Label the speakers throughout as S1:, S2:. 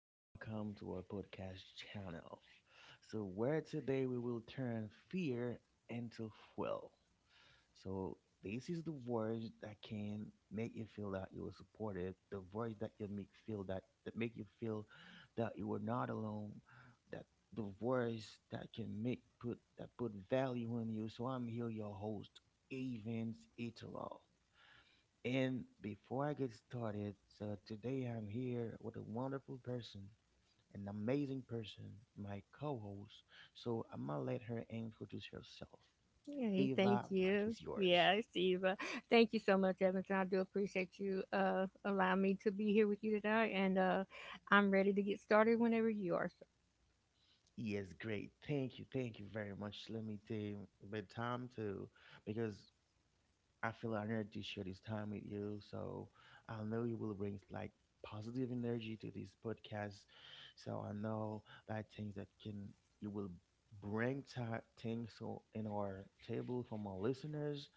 S1: welcome to our podcast channel. Where today we will turn fear into fuel. So, this is the words that can make you feel that you are supported, the words that you make feel that make you feel that you are not alone, that the words that can make put that put value in you. So, I'm here, your host, Evans Iteral. And before I get started, so today I'm here with a wonderful person, an amazing person, my co host. So I'm gonna let her introduce herself.
S2: Hey,
S1: Ava,
S2: thank
S1: Mike
S2: you.
S1: is
S2: Yeah,
S1: yours.
S2: I see. But thank you so much, Edmonton. I do appreciate you allowing me to be here with you tonight, and I'm ready to get started whenever you are. So,
S1: Yes, great. Thank you. Thank you very much. Let me take the time to, because I feel honored to share this time with you. So I know you will bring like positive energy to this podcast. So I know that things that can you will bring things so in our table from our listeners.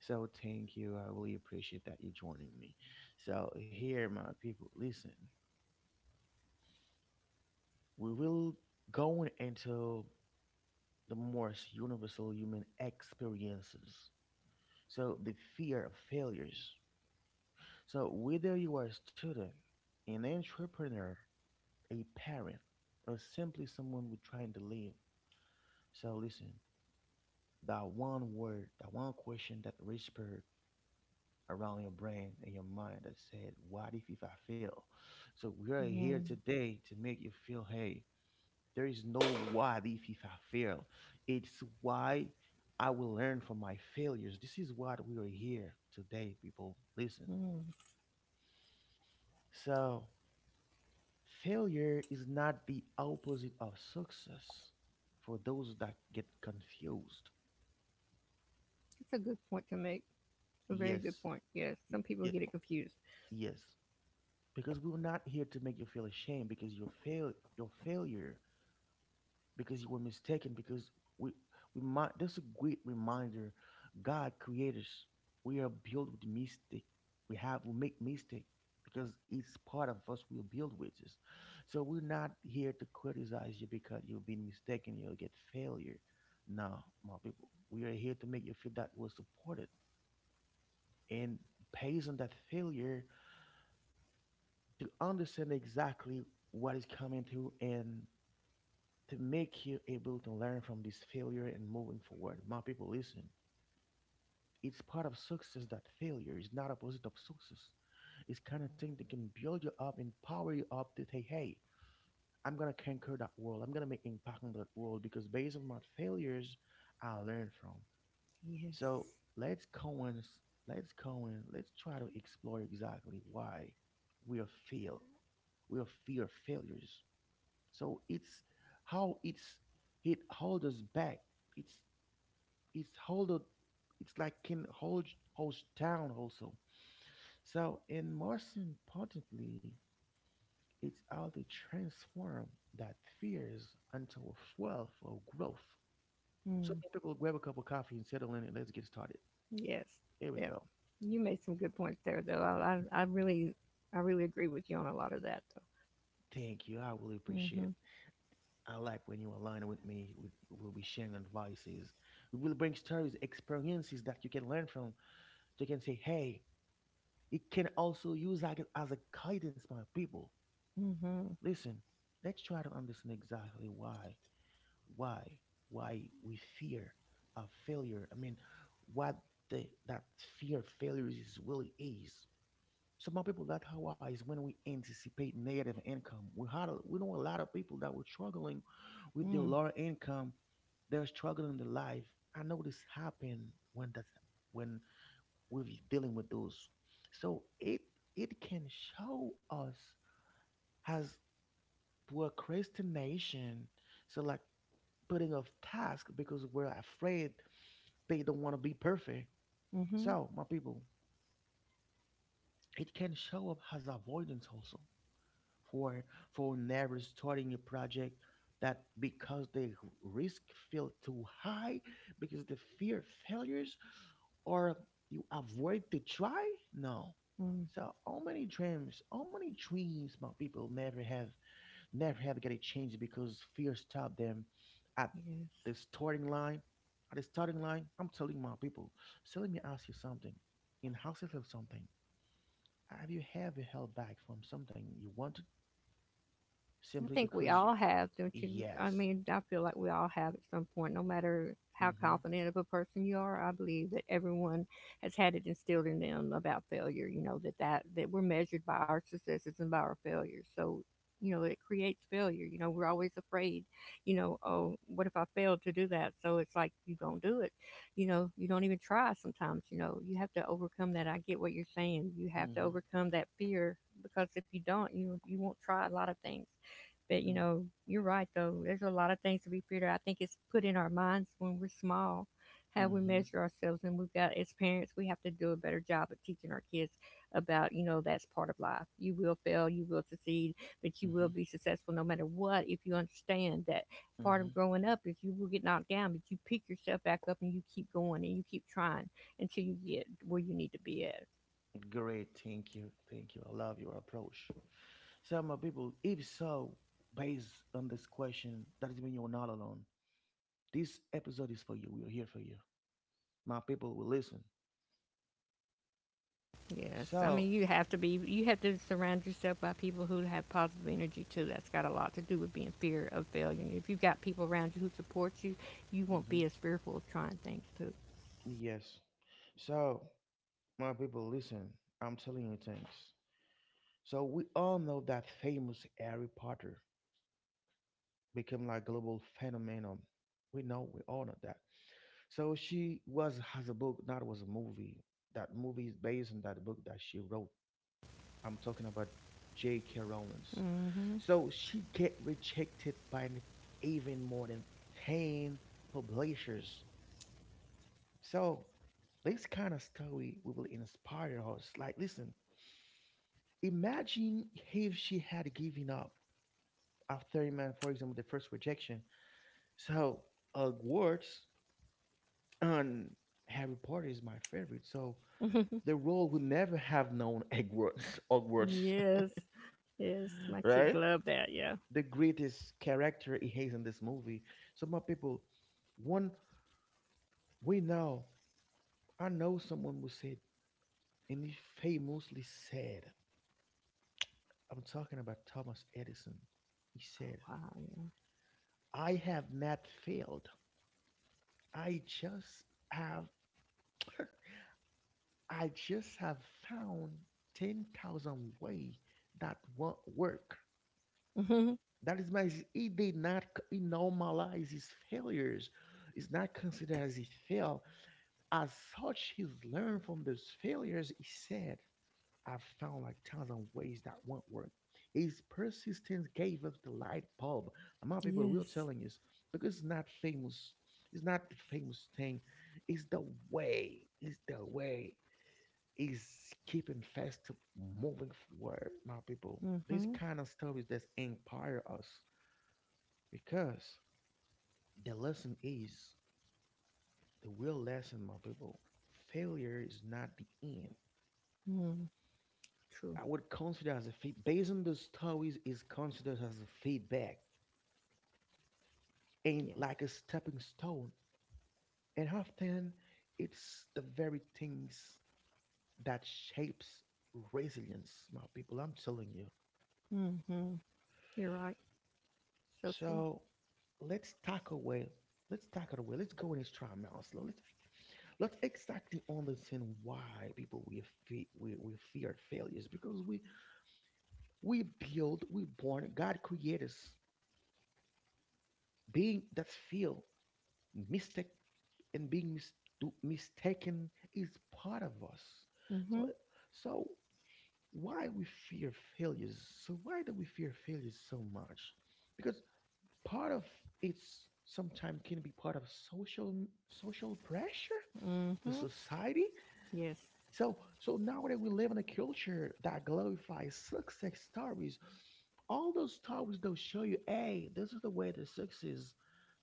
S1: So thank you. I really appreciate that you joining me. So here, my people, listen. We will go into the most universal human experiences. So the fear of failures. So, whether you are a student, an entrepreneur, a parent, or simply someone who's trying to live, so listen, that one word, that one question that whispered around your brain and your mind that said, what if I fail? So, we are here
S2: mm,
S1: today to make you feel, hey, there is no what if I fail. It's why I will learn from my failures. This is what we are here today, people. Listen.
S2: mm.
S1: So, failure is not the opposite of success for those that get confused.
S2: That's a good point to make. A very good
S1: Yes.
S2: point. Yes, some
S1: Y-
S2: people get it confused.
S1: Yes. Because we're not here to make you feel ashamed because your failure, because you were mistaken, because we we might, that's a great reminder. God created us. We are built with mistake. We have we make mistake because it's part of us. We're built with this. So we're not here to criticize you because you've been mistaken, you'll get failure. No, my people, we are here to make you feel that you we're supported, and based on that failure to understand exactly what is coming through, and to make you able to learn from this failure and moving forward. My people, listen. It's part of success that failure is not opposite of success. It's kind of thing that can build you up, empower you up to say, hey, I'm gonna conquer that world. I'm gonna make impact on that world because based on my failures, I learn from. So
S2: Yes.
S1: let's go and s- let's go and let's try to explore exactly why we are fail, we are fear failures. So it's how it hold us back. It's it's it's like can hold holds down also. So and most importantly, it's how they transform that fears into a fuel for growth. So
S2: Mm,
S1: many people grab a cup of coffee and settle in and let's get started.
S2: yes.
S1: Here we
S2: Yep.
S1: go.
S2: You made some good points there, though. I really, I really agree with you on a lot of that, though.
S1: Thank you. I really appreciate it.
S2: Mhm.
S1: I like when you align with me. We will be sharing advices. We will bring stories, experiences that you can learn from. You can say, hey, it can also use like it as a guidance for people.
S2: Mhm.
S1: Listen, let's try to understand exactly why, why we fear a failure. I mean, what that fear of failure is really is. Some of people that how are is when we anticipate negative income. We we know a lot of people that were struggling with their
S2: Mm.
S1: lower income. They're struggling in their life. I know this happened when that's when we're dealing with those. So it can show us as procrastination. So like putting off task because we're afraid they don't want to be perfect.
S2: Mhm.
S1: So my people, it can show up as avoidance also, for for never starting a project that because the risk feel too high because the fear of failures, or you avoid to try? No.
S2: Mm.
S1: So how many dreams my people never have get a chance because fear stopped them at
S2: Yes.
S1: the starting line. At the starting line, I'm telling my people. So let me ask you something. In houses of something, have you ever held back from something you wanted
S2: I
S1: simply
S2: think we
S1: because you,
S2: all have, don't you? I
S1: yes.
S2: mean, I feel like we all have at some point, no matter how
S1: Mm-hmm.
S2: confident of a person you are. I believe that everyone has had it instilled in them about failure. You know that that we're measured by our successes and by our failures. So, you know, it creates failure. You know, we're always afraid. You know, oh, what if I failed to do that? So it's like you don't do it. You know, you don't even try. Sometimes, you know, you have to overcome that. I get what you're saying. You have to
S1: Mm-hmm.
S2: overcome that fear because if you don't, you won't try a lot of things, but you know, you're right though. There's a lot of things to be figured out. I think it's put in our minds when we're small how we
S1: Mm-hmm.
S2: measure ourselves, and we've got, as parents, we have to do a better job of teaching our kids about, you know, that's part of life. You will fail, you will succeed, but you
S1: Mm-hmm.
S2: will be successful no matter what if you understand that part
S1: Mm-hmm.
S2: of growing up is you will get knocked down, but you pick yourself back up and you keep going and you keep trying until you get where you need to be at.
S1: Great. Thank you. Thank you. I love your approach. So, my people, if so, based on this question, that doesn't mean you're not alone. This episode is for you. We are here for you. My people will listen.
S2: Yes, I
S1: So,
S2: mean you have to be. You have to surround yourself by people who have positive energy too. That's got a lot to do with being fear of failure. If you've got people around you who support you, you won't be
S1: hmm,
S2: as fearful of trying things too.
S1: yes. So, my people, listen. I'm telling you things. So, we all know that famous Harry Potter became like global phenomenon. We all know that. So, she was has a book, not was a movie. That movie is based on that book that she wrote. I'm talking about J.K. Rowling.
S2: Hmm.
S1: So she get rejected by even more than 10 publishers. So this kind of story will inspire us. Like, listen, imagine if she had given up after, man, for example, the first rejection. So Hogwarts and Harry Potter is my favorite. So the world would never have known Hogwarts, Hogwarts,
S2: Yes, yes, my kids
S1: right?
S2: love that. Yeah.
S1: The greatest character he has in this movie. So my people, one. We know, I know someone who said, and he famously said, I'm talking about Thomas Edison. He said,
S2: Wow.
S1: I have not failed. I just have, I just have found 10,000 ways that won't work.
S2: Yeah. Hmm.
S1: That is my, he normalize his failures. It's not considered as he failed. As such, he's learned from those failures, he said. I've found like thousand ways that won't work. His persistence gave us the light bulb. Among people, we're
S2: Yes.
S1: telling you, because it's not famous. It's not the famous thing. It's the It's the way. It's keeping fast to moving forward. My people, these
S2: Hmm.
S1: kind of stories that inspire us because the lesson is the real lesson, my people. Failure is not the end.
S2: Mm, true.
S1: I would consider as a feed based on the stories is considered as a feedback and
S2: Yes.
S1: like a stepping stone. And often it's the very things that shapes resilience, my people. I'm telling you.
S2: Hmm. You're right. So true.
S1: So let's talk away. let's talk it away. Let's go in this try Maslow. Let's exactly understand why people we we fear failures because we build we born God created us, being that feel mistake, and mistaken is part of us. So,
S2: Hmm.
S1: so why we fear failures? So why do we fear failures so much? Because part of it's sometimes can be part of social pressure, the
S2: Hmm.
S1: society.
S2: Yes.
S1: So, so nowadays we live in a culture that glorifies success stories. All those stories they'll show you, hey, this is the way the success is.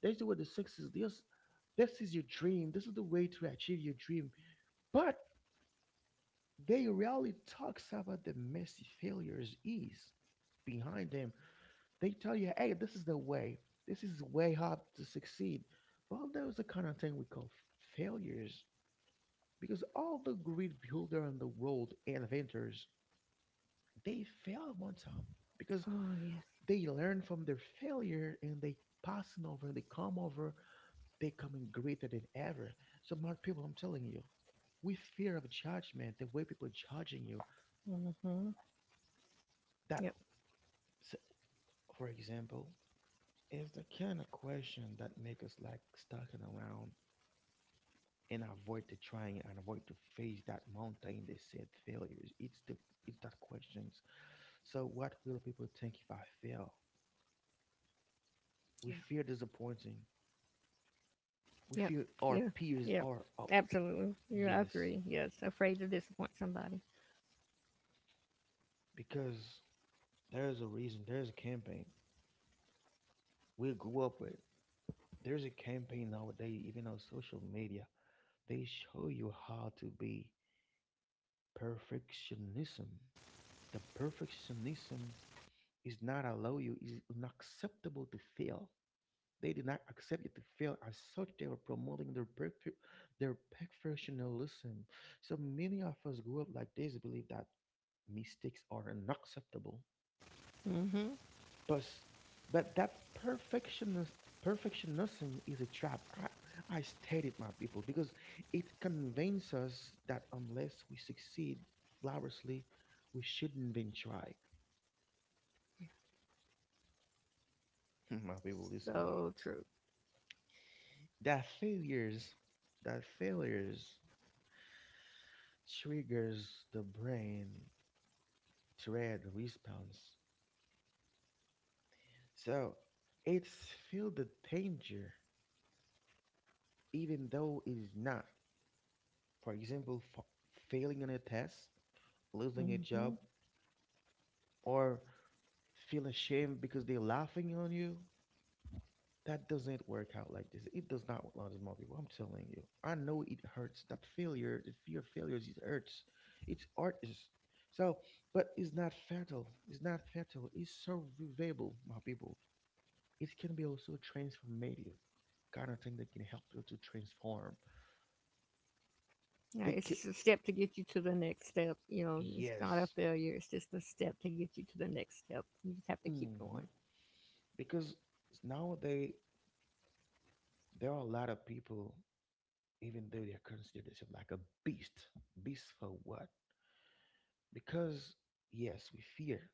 S1: This is the way the success is. This is your dream. This is the way to achieve your dream. But they rarely talks about the messy failures is behind them. They tell you, hey, this is the way. This is way up to succeed. But that the kind of thing we call failures, because all the great builder in the world and inventors they fail one time, because
S2: Oh yes.
S1: they learn from their failure and they passing over, they come over, they coming greater than ever. So my people, I'm telling you, we fear of judgment, the way people judging you
S2: Hmm.
S1: that
S2: Yep.
S1: s- for example, is the kind of question that make us like stuck in around and avoid to trying and avoid to face that mountain they said failures. It's that questions. So what will people think if I fail? We
S2: Yeah.
S1: fear disappointing, we
S2: Yep.
S1: feel our
S2: Yeah.
S1: peers
S2: Yep.
S1: are out.
S2: Absolutely. Yeah, I
S1: Yes,
S2: agree. Yes. Afraid to disappoint somebody.
S1: because there's a reason. There's a campaign we grew up with. There's a campaign nowadays, even on social media. They show you how to be perfectionism. The perfectionism is not allow you, is unacceptable to fail. They did not accept you to fail. As such, they were promoting their their perfectionism. So many of us grew up like this, believe that mistakes are unacceptable.
S2: Hmm.
S1: But but that perfectionist perfectionism is a trap. I state it, my people, because it convinces us that unless we succeed flawlessly, we shouldn't even try. My people, listen.
S2: So true.
S1: That failures, that failures triggers the brain thread response. So it's feel the danger, even though it is not. For example, fa failing on a test, losing a
S2: Hmm.
S1: job, or feel ashamed because they're laughing on you. That doesn't work out like this. It does not work out with more people. I'm telling you. I know it hurts. That failure, the fear of failures, it hurts. It's art is so, but it's not fatal. It's not fatal. It's survivable, my people. It can be also transformative, kind of thing that can help you to transform.
S2: Yeah,
S1: They
S2: it's
S1: can,
S2: just a step to get you to the next step. You know, it's not a
S1: yes.
S2: failure. It's just a step to get you to the next step. You just have to keep
S1: Hmm,
S2: going.
S1: because now they, there are a lot of people, even though they are considered themselves like a beast. Beast for what? Because yes, we fear.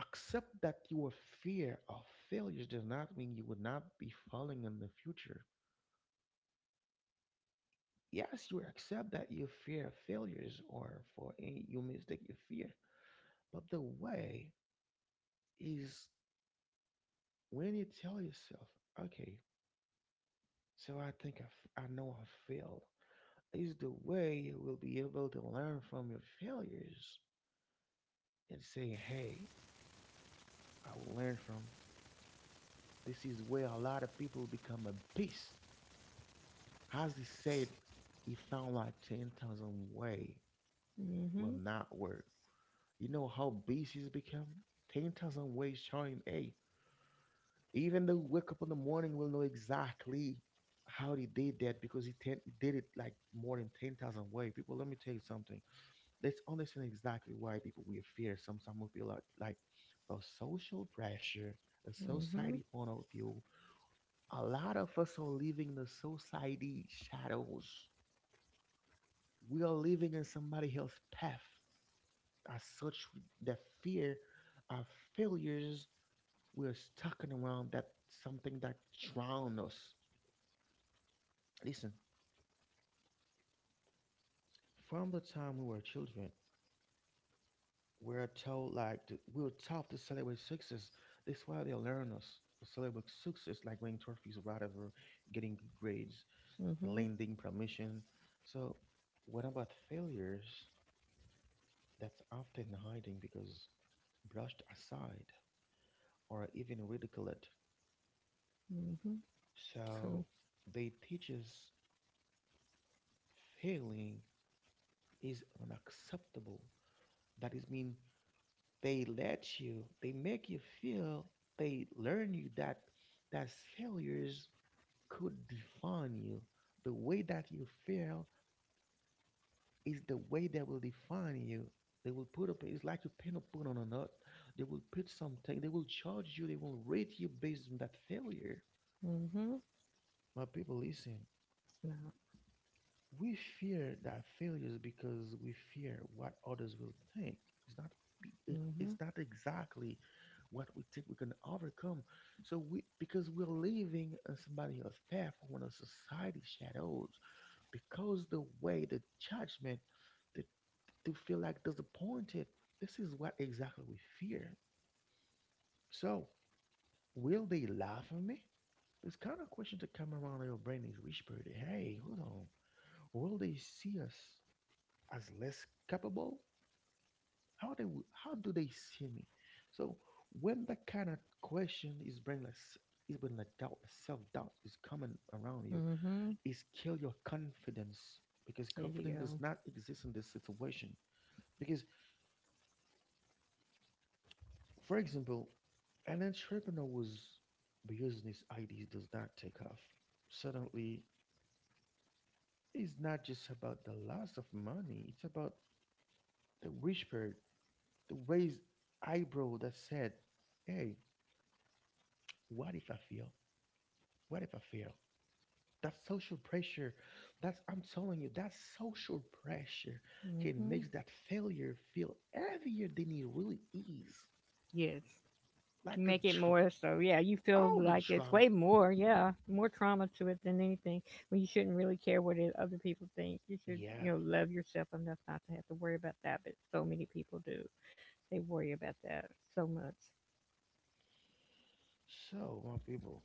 S1: Accept that your fear of failures does not mean you would not be falling in the future. Yes, you accept that you fear failures or for any you mistake you fear. But the way is, when you tell yourself, okay, so I know I failed, is the way you will be able to learn from your failures and say, hey, I will learn from. This is where a lot of people become a beast. As he said, he found like 10,000 ways will
S2: Mm-hmm.
S1: not work. You know how beasts become? 10,000 ways showing, hey, even though you wake up in the morning, will know exactly how he did that, because he, ten, he did it like more than 10,000 ways. People, let me tell you something. Let's understand exactly why people will fear. Some will be like for social pressure, a
S2: Mm-hmm.
S1: society point of view. A lot of us are living in the society shadows. We are living in somebody else's path. As such, the fear of failures. We are stuck around that, something that drown us. Listen, from the time we were children, we're told we're taught to celebrate success. That's why they learn us to celebrate success, like winning trophies, whatever, getting good grades,
S2: Mm-hmm.
S1: landing promotion. So, what about failures? That's often hiding because brushed aside or even ridiculed.
S2: Mm-hmm.
S1: So
S2: True.
S1: they teach us failing is unacceptable. That is mean they let you, they make you feel, they learn you that that failures could define you. The way that you fail is the way they will define you. They will put up, it's like you pin a put on a nut, they will put something, they will charge you, they will rate you based on that failure.
S2: Mm-hmm.
S1: My people, listen.
S2: Yeah.
S1: We fear that failures because we fear what others will think. It's not, it's
S2: Mm-hmm.
S1: not exactly what we think we can overcome. So we, because we're living on somebody else's path, when a society shadows, because the way the judgment, the, to feel like disappointed. This is what exactly we fear. So, will they laugh at me? This kind of question to come around your brain is whispered, hey, hold on. Will they see us as less capable? How do they see me? So when that kind of question is bring less, is when like doubt, self doubt is coming around you,
S2: Mm-hmm.
S1: is kill your confidence, because
S2: There you
S1: confidence does
S2: go.
S1: not exist in this situation. Because for example, an entrepreneur whose business ideas does not take off. Suddenly, it's not just about the loss of money; it's about the whisper, the raised eyebrow that said, "Hey, what if I fail? What if I fail? That social pressure, that's, I'm telling you, that social pressure can
S2: Mm-hmm.
S1: make that failure feel heavier than it really is.
S2: Yes.
S1: Like the
S2: Make it
S1: tr-
S2: more, so yeah, you feel
S1: all the
S2: like it's
S1: drama.
S2: way more, yeah, more trauma to it than anything when you shouldn't really care what it, other people think. You should,
S1: Yeah.
S2: you know, love yourself enough not to have to worry about that, but so many people do. They worry about that so much.
S1: So my people,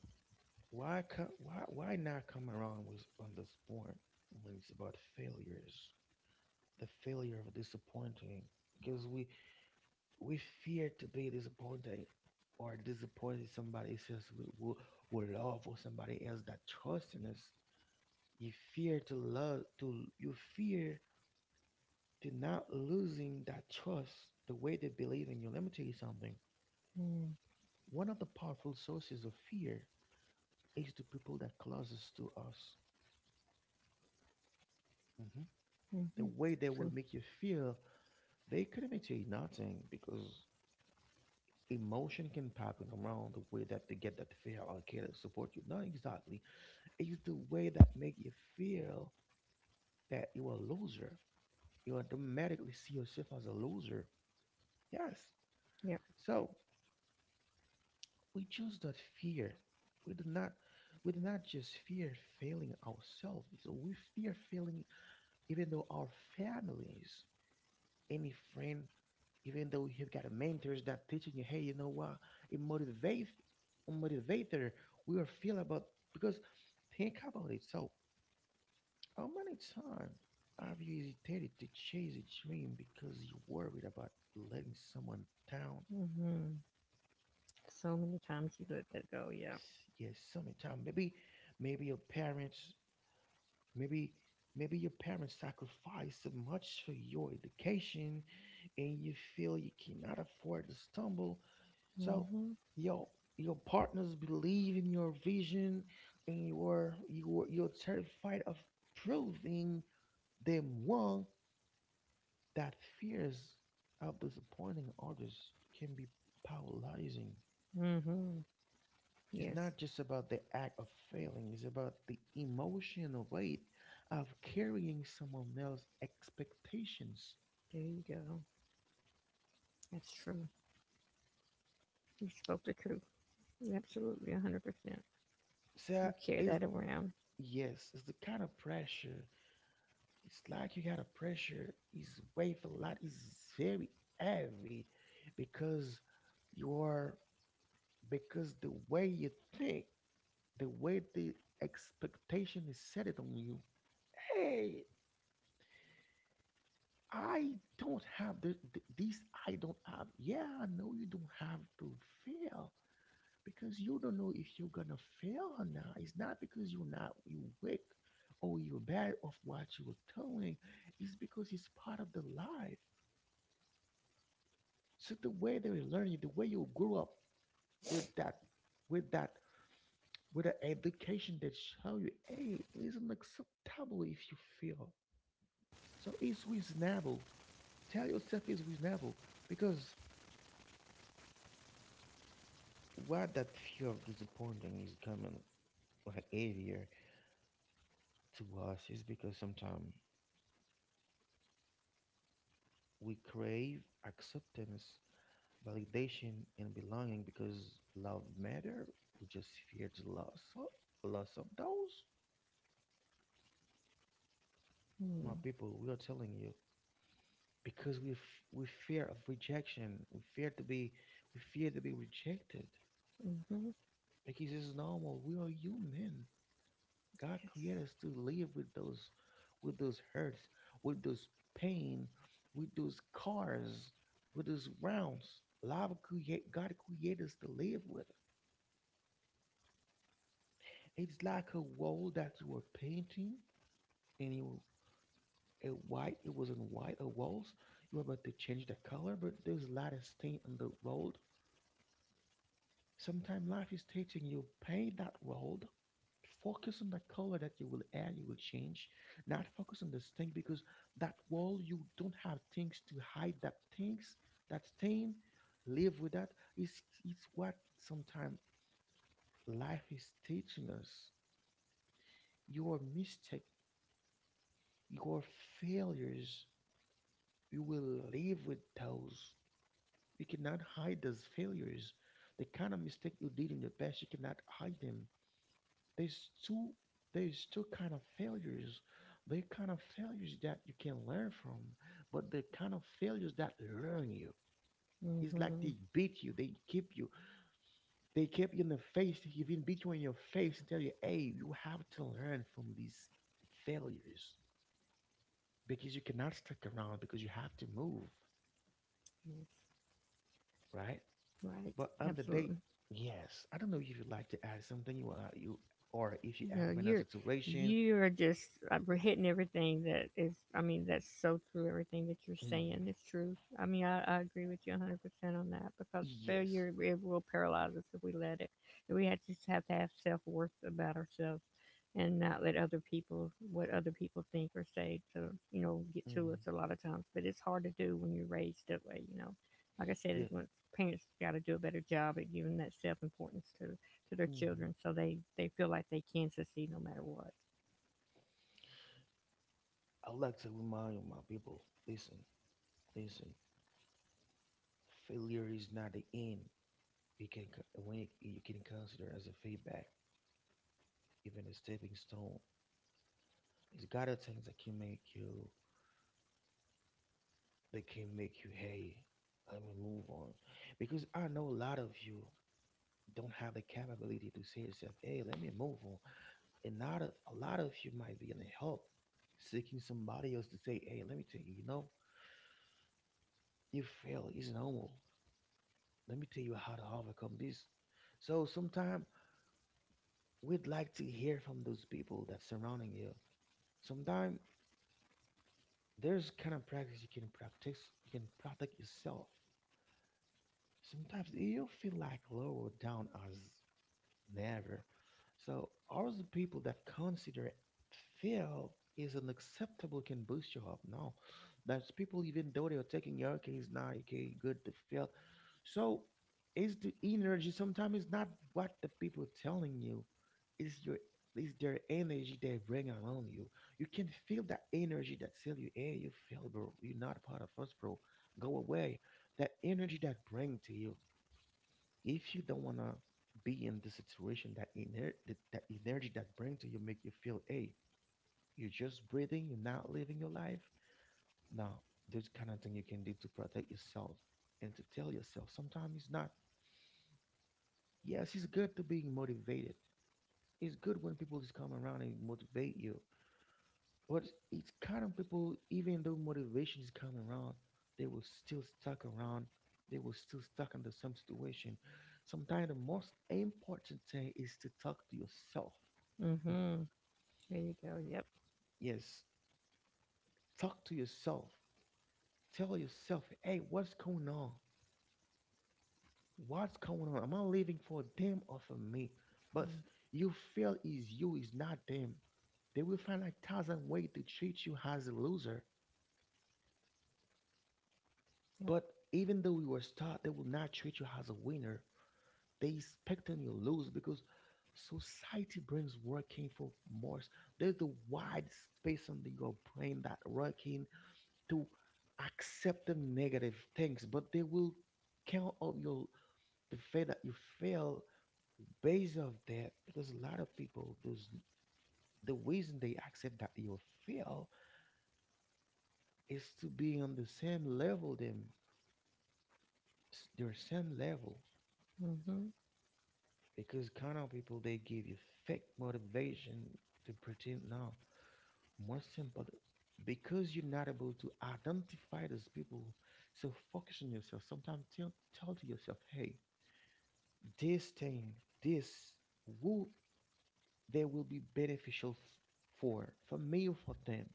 S1: why co- why not come around with on this point when it's about failures? The failure of disappointing. Because we fear to be disappointed, or disappointed somebody else we love, or somebody else that trusts in us. You fear to not losing that trust, the way they believe in you. Let me tell you something.
S2: Mm,
S1: One of the powerful sources of fear is the people that closest to us. Hmm. The
S2: mm-hmm.
S1: way they will
S2: True.
S1: make you feel, they couldn't tell you nothing, because emotion can pop in around the way that they get that fear or care to support you. Not exactly. It's the way that make you feel that you're a loser. You automatically see yourself as a loser. Yes.
S2: Yep.
S1: So we choose that fear. We do not we do not just fear failing ourselves. So we fear failing even though our families, any friend, even though you've got mentors that teaching you, hey, you know what? It motivates, motivator, we will feel about, because think about it. So, how many times have you hesitated to chase a dream because you worried about letting someone down?
S2: Mm-hmm. So many times you let that go, yeah.
S1: Yes, sometimes maybe, maybe your parents, maybe, maybe your parents sacrificed so much for your education, and you feel you cannot afford to stumble. So
S2: Mm-hmm.
S1: your your partners believe in your vision, and you're terrified of proving them wrong. That fears of disappointing others can be paralyzing.
S2: Mm-hmm.
S1: It's
S2: Yes.
S1: not just about the act of failing, it's about the emotional weight of carrying someone else's expectations.
S2: There you go. That's true. You spoke the truth. Absolutely 100%.
S1: So
S2: You carry
S1: it's,
S2: that around.
S1: yes, it's the kind of pressure. It's like you got a pressure is weight a lot, is very heavy, because you are, because the way you think, the way the expectation is set it on you, hey, I don't have the, this. I don't have. Yeah, I know you don't have to fail, because you don't know if you're gonna fail or not. It's not because you're not you weak or you're bad of what you were doing. It's because it's part of the life. So the way they learn you, the way you grew up with that, with that, with the education that show you, hey, it's unacceptable if you fail. So it's reasonable. Tell yourself it's reasonable, because why that fear of disappointing is coming like heavier to us is because sometimes we crave acceptance, validation, and belonging, because love matter. We just fear the loss of those.
S2: Mm-hmm.
S1: My people, we are telling you, because we fear of rejection. We fear to be rejected,
S2: Mm-hmm.
S1: because it's normal. We are human. God
S2: Yes.
S1: created us to live with those, with those hurts, with those pain, with those cars, with those rounds. Love create, God created us to live with. It's like a wall that you were painting, and you, a white, it was in white a walls. You were about to change the color, but there's a lot of stain on the wall. Sometimes life is teaching you paint that world. Focus on the color that you will add, you will change. Not focus on the stain, because that world you don't have things to hide. That things, that stain, live with that. It's what sometimes life is teaching us. Your mistake, your failures, you will live with those. You cannot hide those failures. The kind of mistake you did in the past, you cannot hide them. There's two there's two kind of failures. They kind of failures that you can learn from, but the kind of failures that learn you. It's like they
S2: Hmm.
S1: beat you, they keep you, they keep you in the face, they even beat you in your face and tell you, hey, you have to learn from these failures, because you cannot stick around, because you have to move,
S2: Yes.
S1: right?
S2: Right.
S1: But on the day,
S2: Absolutely.
S1: yes, I don't know if you'd like to add something, you are you, or if you
S2: You know,
S1: ever been in a
S2: you're
S1: situation.
S2: you're just we're hitting everything that is. I mean, that's so true. Everything that you're
S1: Mhm.
S2: saying is true. I mean, I agree with you 100% on that because
S1: Yes.
S2: failure, it will paralyze us if we let it. We have just have to have self worth about ourselves and not let other people, what other people think or say to, you know, get to us
S1: Hmm.
S2: a lot of times. But it's hard to do when you're raised that way. You know, like I said, it's when parents got to do a better job at giving that self importance to their
S1: Mhm.
S2: children so they feel like they can succeed no matter what.
S1: I like to remind my people: listen, listen. Failure is not the end. You can co- when You can consider as a feedback, even a stepping stone. It's got the things that can make you hey, let me move on, because I know a lot of you don't have the capability to say yourself, hey, let me move on. And not of a lot of you might be in a help, seeking somebody else to say, hey, let me tell you, you know, you fail, is normal. Let me tell you how to overcome this. So sometimes we'd like to hear from those people that's surrounding you. Sometimes there's kind of practice you can practice, you can practice yourself. Sometimes you feel like lower down as never. So, are the people that consider fail is unacceptable can boost you up? No, that's people even though they are taking your okay, it's not okay, good to fail. So, is the energy, sometimes it's not what the people telling you, is your, is their energy they bring around you. You can feel that energy that tell you, hey, you fail, bro. You're not part of us, bro. Go away. That energy that bring to you, if you don't want to be in the situation, that that energy that bring to you make you feel, hey, you're just breathing, you're not living your life now. There's kind of thing you can do to protect yourself, and to tell yourself sometimes it's not, yes, it's good to be motivated, it's good when people just come around and motivate you. But it's kind of people, even though motivation is coming around, they will still stuck around. They will still stuck in the same situation. Sometimes the most important thing is to talk to yourself. And
S2: Mm-hmm. There you go. Yep.
S1: yes, talk to yourself. Tell yourself, hey, what's going on? What's going on? Am I living for them or for me? But
S2: Yeah,
S1: you feel is you, is not them. They will find a thousand ways to treat you as a loser.
S2: yep.
S1: But even though you are a star, they will not treat you as a winner. They expecting you lose because society brains working for more. There's the wide space on your brain that working to accept the negative things, but they will count up your the fact that you fail based of that because a lot of people those the reason they accept that you fail is to be on the same level them their same level
S2: Mm-hmm.
S1: because kind of people they give you fake motivation to pretend now more simple because you're not able to identify those people. So focus on yourself sometimes tell to yourself, hey, this thing, this will, they will be beneficial for me or for them.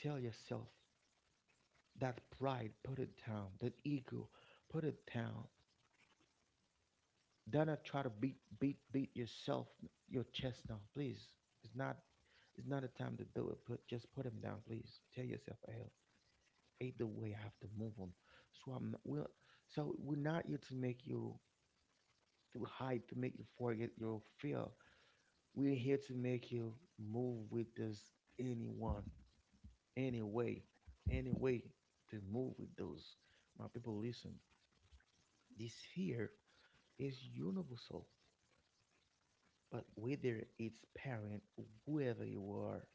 S1: Tell yourself that pride, put it down, that ego, put it down. Donna, try to beat yourself your chest now, please. It's not it's not a time to do it. Put, just put him down, please. Tell yourself, hey, either way, I have to move on. So I'm not, we're, so we're not here to make you to hide, to make you forget your fear. We're here to make you move with this, anyone, any way, any way to move with those. My people, listen. This fear is universal. But whether it's parent, whoever you are,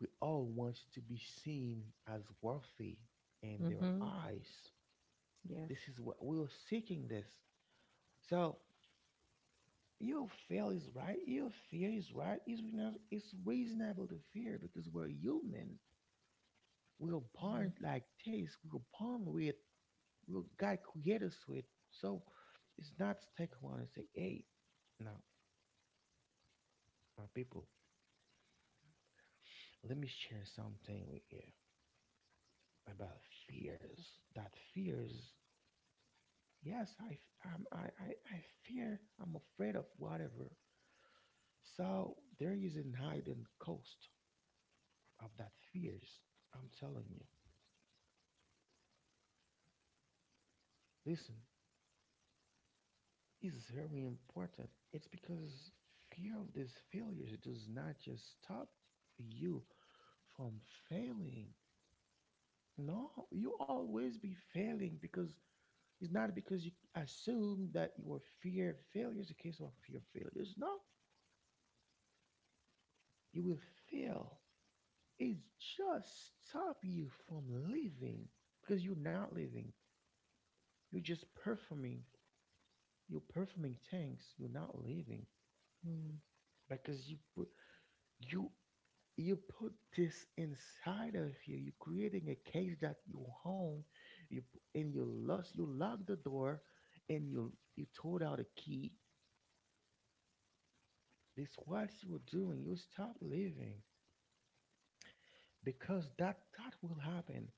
S1: we all want to be seen as worthy in their
S2: Mm-hmm.
S1: eyes.
S2: Yes.
S1: This is what we're seeking, this. So your fear is right, it's, it's reasonable to fear because we're human. We're
S2: Mm-hmm.
S1: born like this, we're born with, we're God created us with. So it's not stick one and say, hey, now, my people, let me share something with you about fears. That fears, yes, I, f- I'm, I fear, I'm afraid of whatever. So there is a hidden cost of that fears. I'm telling you. Listen, it's very important. It's because fear of these failures does not just stop you from failing. No, you always be failing because it's not because you assume that your fear failure is a case of fear failures. No, you will fail. It just stop you from living because you're not living. You're just performing. You're performing things. You're not living
S2: All
S1: because you you put this inside of you. You're creating a cage that you own. And you lost. You lock the door, and you tore out a key. That's what you were doing. You stop living, because that will happen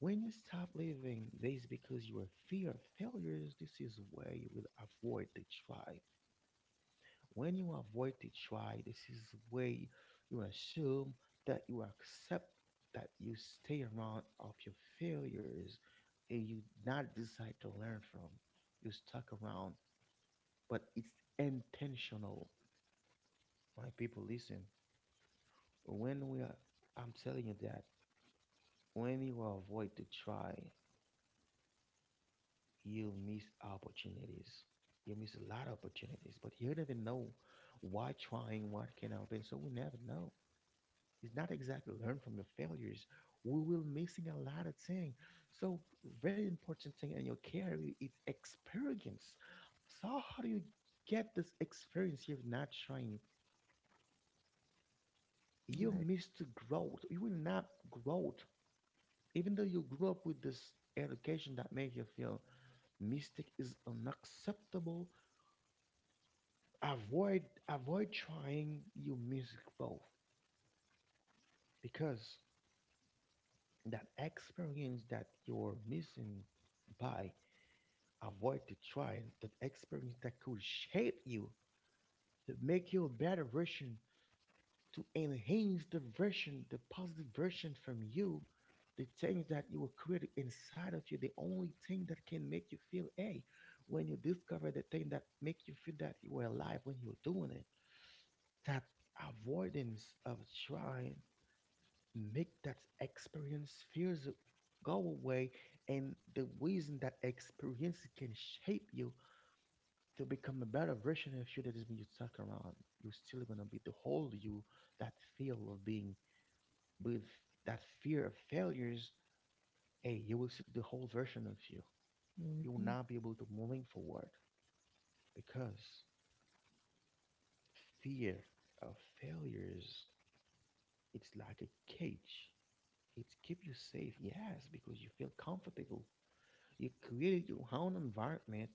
S1: when you stop living this, because you are fear of failures. This is where you will avoid to try. When you avoid to try, this is where you assume that you accept that you stay around of your failures and you not decide to learn from. You stuck around, but it's intentional. My people, listen, when we are, I'm telling you that when you avoid to try you miss opportunities. You miss a lot of opportunities, but you never know why trying what can happen. So we never know. It's not exactly learn from your failures. We will missing a lot of things. So very important thing in your career is experience. So how do you get this experience if not trying? You
S2: right.
S1: missed growth. You will not grow. Even though you grew up with this education that make you feel mistake is unacceptable, avoid avoid trying your music both, because that experience that you're missing by avoid to try, that experience that could shape you to make you a better version, to enhance the version, the positive version from you, the things that you were created inside of you, the only thing that can make you feel a, when you discover the thing that make you feel that you were alive when you're doing it, that avoidance of trying make that experience fears go away. And the reason that experience can shape you to become a better version of you, that is when you talk around, you're still gonna be the whole you, that feel of being with that fear of failures, hey, you will see the whole version of you. You will
S2: Mm-hmm.
S1: not be able to moving forward because fear of failures, it's like a cage. It keep you safe, yes, because you feel comfortable. You created your own environment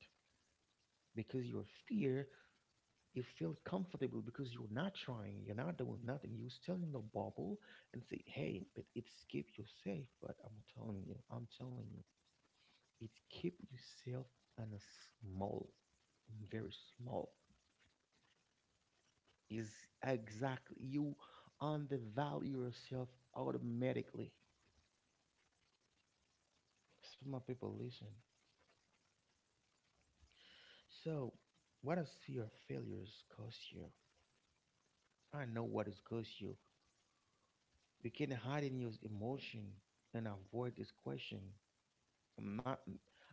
S1: because your fear. You feel comfortable because you're not trying. You're not doing nothing. You're still in the bubble and say, "Hey, but it's keep you safe." But I'm telling you, it's keep yourself in a small, very small. Is exactly you undervalue yourself automatically. Some of people listen. So, what does fear of failures cost you? I know what it costs you. You can hide in your emotion and avoid this question. I'm not.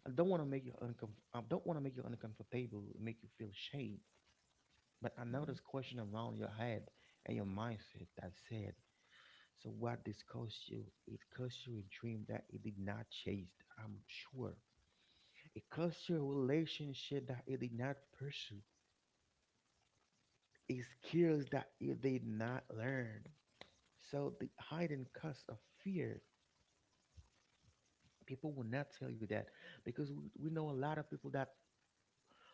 S1: I don't want to make you uncomfortable, make you feel shame. But I
S2: Right.
S1: know this question around your head and your mindset that said, "So what this cost you? It cost you a dream that it did not chase. I'm sure. It cost you a relationship that it did not pursue. It skills that it did not learn. So the hidden cost of fear, people will not tell you that because we know a lot of people that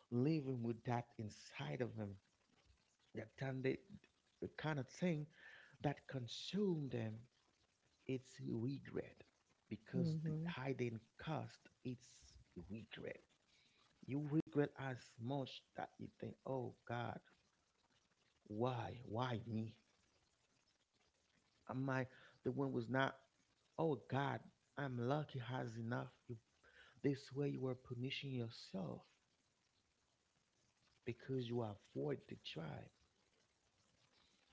S1: living with that inside of them, that kind of, the kind of thing that consume them. It's regret, because the
S2: Mm-hmm.
S1: hiding cost it's regret. You regret as much that you think, oh God, why me? Am I the one was not? Oh God, I'm lucky has enough. You, this way you are punishing yourself because you avoid the tribe.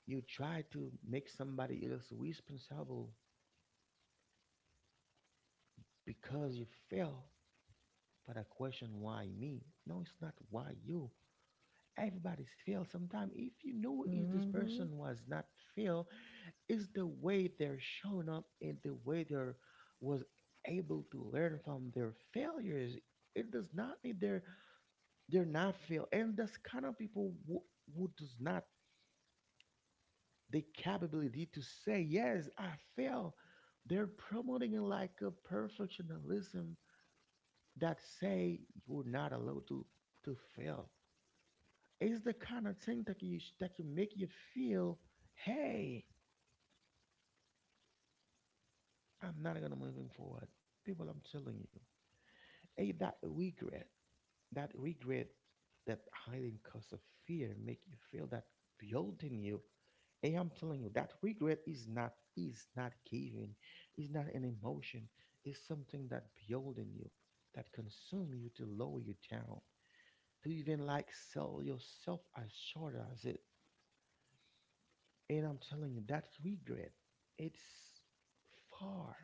S1: You try to make somebody else responsible because you fail. For the question, why me? No, it's not why you. Everybody's fail. Sometimes if you know is this
S2: Mm-hmm.
S1: person was not fail, is the way they're showing up and the way they're was able to learn from their failures. It does not mean they're not fail. And that's kind of people who does not the capability to say, yes, I fail. They're promoting it like a perfectionism that say you're not allowed to fail. It's the kind of thing that you that can make you feel, hey, I'm not gonna moving forward. People, I'm telling you, hey, that regret. That regret, that hiding cause of fear, make you feel that guilt in you. And I'm telling you, that regret is not giving, is not an emotion. It's something that build in you, that consume you to lower you down, to even like sell yourself as short as it. And I'm telling you, that regret, it's far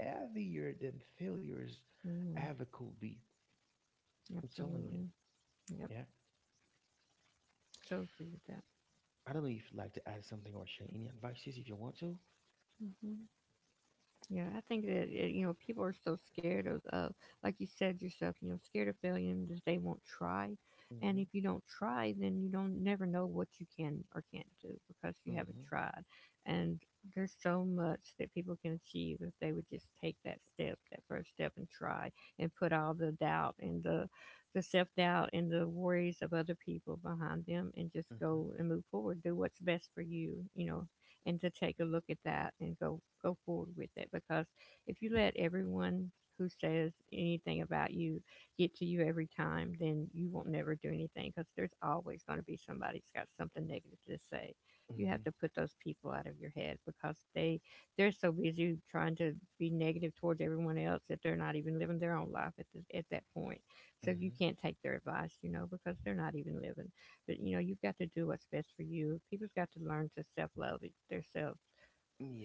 S1: heavier than failures
S2: Mm-hmm.
S1: ever could be. I'm telling you,
S2: Absolutely. Yep.
S1: yeah.
S2: So agree with that.
S1: I don't know if you'd like to add something or share any advices if you want to.
S2: Yeah, I think that you know, people are so scared of, like you said yourself, you know, scared of failure and that they won't try. And
S1: Mm-hmm.
S2: if you don't try, then you don't never know what you can or can't do because you haven't
S1: Mm-hmm.
S2: tried. And there's so much that people can achieve if they would just take that step, that first step, and try, and put all the doubt and the self doubt and the worries of other people behind them, and just
S1: Mm-hmm.
S2: go and move forward. Do what's best for you, you know, and to take a look at that and go go forward with it because if you let everyone who says anything about you get to you every time, then you won't never do anything because there's always going to be somebody that's got something negative to say. You have
S1: Mm-hmm.
S2: to put those people out of your head because they, they're so busy trying to be negative towards everyone else that they're not even living their own life at, the at that point, so you
S1: Mm-hmm.
S2: can't take their advice, you know, because they're not even living. But you know, you've got to do what's best for you. People's got to learn to self love their themselves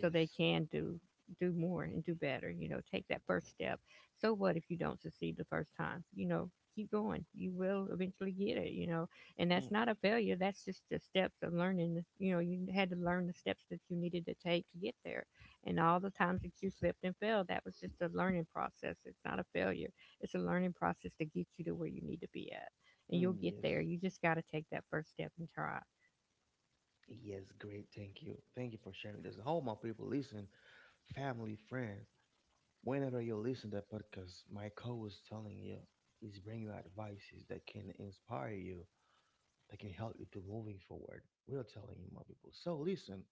S2: so they can do do more and do better, you know. Take that first step. So what if you don't succeed the first time, you know? Keep going, you will eventually get it, you know, and
S1: Mm,
S2: that's not a failure. That's just the steps of learning, you know. You had to learn the steps that you needed to take to get there, and all the times that you slipped and fell, that was just a learning process. It's not a failure. It's a learning process to get you to where you need to be at, and you'll
S1: mm,
S2: get there.
S1: yes.
S2: You just got to take that first step and try.
S1: Yes. Great. Thank you. Thank you for sharing this. All my people, listen, family, friend, whenever you listen to that podcast, my co was telling you is bring you advices that can inspire you, that can help you to moving forward. We are telling you, my people. So listen,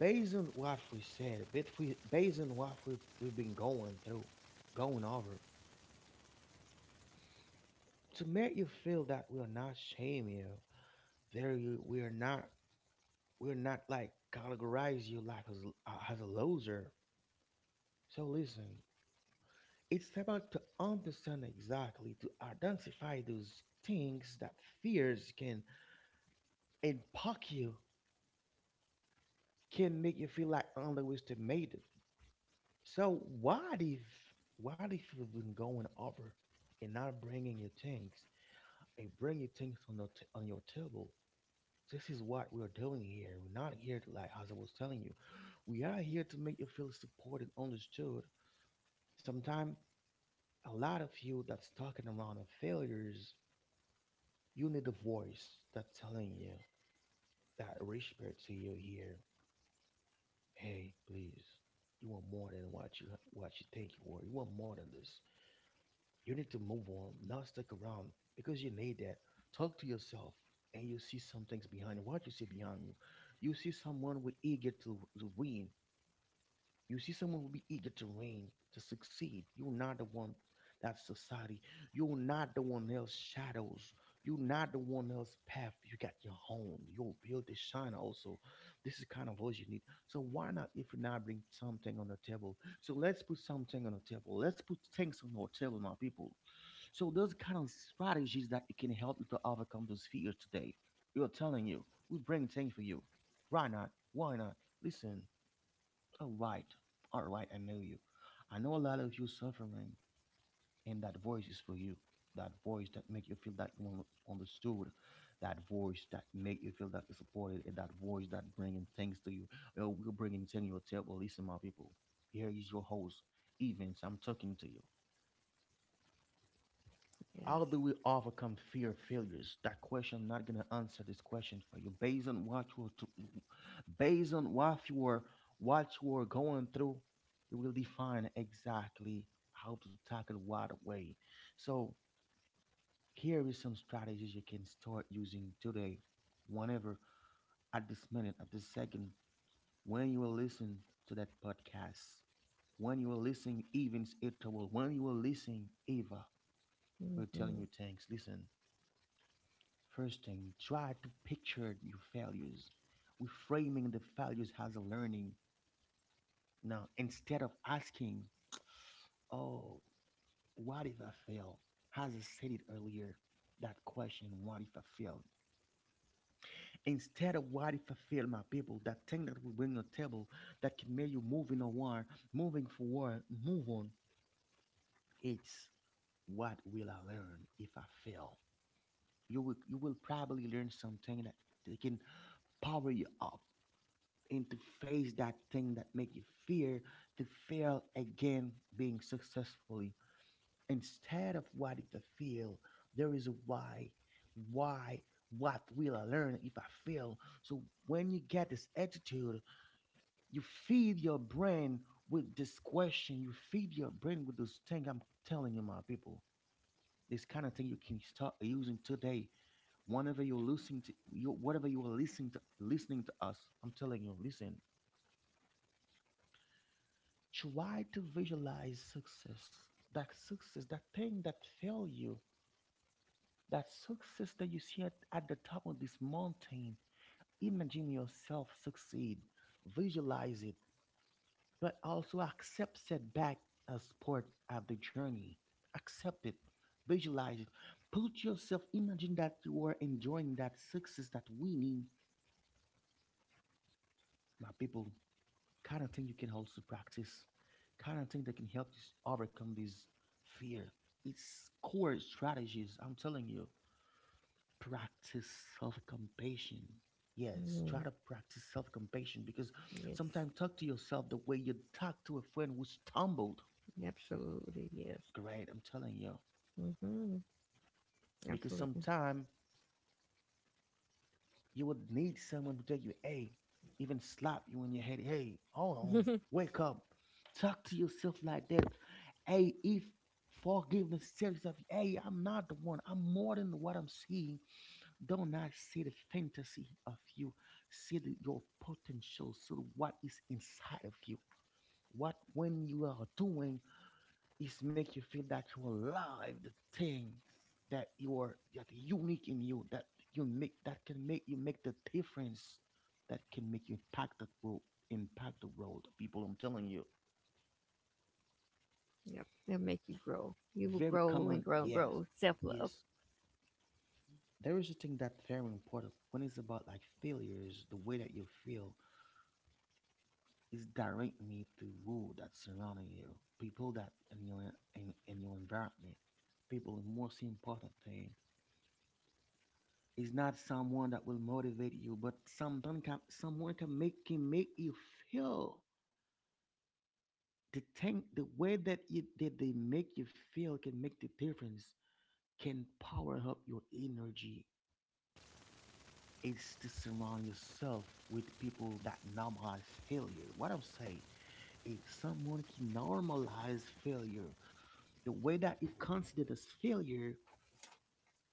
S1: based on what we said, but based on what we've been going through, going over, to make you feel that we are not shame you, there you we are not, we're not like categorize you like as a loser. So listen, it's about to understand exactly to identify those things that fears can impact you, can make you feel like underestimated. So what if, what if you've been going over and not bringing your things, and bring your things on the on your table. This is what we're doing here. We're not here to, like, as I was telling you, we are here to make you feel supported, understood. Sometimes, a lot of you that's talking around on failures, you need a voice that's telling you, that whisper to you here, hey, please, you want more than what you, what you think you were. You want more than this. You need to move on, not stick around because you need that. Talk to yourself, and you see some things behind what you see behind you. You see someone with eager to win. You see someone will be eager to reign, to succeed. You're not the one that society. You're not the one else shadows. You're not the one else path. You got your own. Your beauty shine also. This is kind of voice you need. So why not if you not bring something on the table? So let's put something on the table. Let's put things on our table, my people. So those kind of strategies that it can help you to overcome those fears today. We're telling you, we bring things for you. Why not? Why not? Listen. All right. All right. I know you. I know a lot of you suffering, and that voice is for you. That voice that make you feel that you understood. That voice that make you feel that you're supported. And that voice that bringing things to you. We're bringing things to your table. Listen, my people. Here is your host, Evans. I'm talking to you. How
S2: Yes.
S1: do we overcome fear of failures? That question, I'm not gonna answer this question for you. Based on what you were going through, it will define exactly how to tackle what way. So here is some strategies you can start using today, whenever, at this minute, at this second, when you will listen to that podcast, when you will listen, even Ita will, when you will listen, Eva, we're telling
S2: Mm-hmm.
S1: you thanks. Listen. First thing, try to picture your failures. We framing the failures as a learning. Now, instead of asking, oh, what if I fail? As I said it earlier, that question, what if I fail? Instead of what if I fail, my people, that thing that we bring on the table that can make you moving forward, move on, it's what will I learn if I fail? You will probably learn something that they can power you up, and to face that thing that make you fear to fail again being successfully instead of what it to feel there is a why, what will I learn if I fail? So when you get this attitude, you feed your brain with this question, you feed your brain with this thing. I'm telling you, my people, this kind of thing you can start using today whenever you're listening to you, whatever you are listening to, listening to us. I'm telling you, listen. Try to visualize success. That success, that thing that failed you, that success that you see at the top of this mountain. Imagine yourself succeed. Visualize it, but also accept setback as part of the journey. Accept it. Visualize it. Put yourself, imagine that you are enjoying that success, that winning, my people. Kind of thing you can also practice. Kind of thing that can help you overcome this fear. It's core strategies. I'm telling you, practice self compassion. Yes, try
S2: Mm-hmm.
S1: to practice self compassion because
S2: Yes.
S1: sometimes talk to yourself the way you talk to a friend who stumbled.
S2: Absolutely, yes.
S1: Great, I'm telling you.
S2: Hmm.
S1: Because
S2: Absolutely.
S1: sometimes you would need someone to tell you, hey, even slap you in your head. Hey, hold on, wake up. Talk to yourself like that. Hey, if forgiveness tells yourself, hey, I'm not the one. I'm more than what I'm seeing. Don't not see the fantasy of you. See your potential. So what is inside of you. What when you are doing is make you feel that you're alive, the thing that you are that unique in you, that you make that can make you make the difference, that can make you impact that world, impact the world. People, I'm telling you,
S2: Yep. It'll make you grow. You will
S1: very
S2: grow and
S1: common.
S2: grow and
S1: Yes,
S2: grow. Self love.
S1: yes. There is a thing that's very important when it's about like failures. The way that you feel is directly to world that's surrounding you, people that in your in your environment, people. The most important thing, it's not someone that will motivate you, but someone can, someone can make you feel. The thing, the way that it that they make you feel can make the difference. Can power up your energy. It's to surround yourself with people that normalize failure. What I'm saying, if someone can normalize failure, the way that you consider as failure,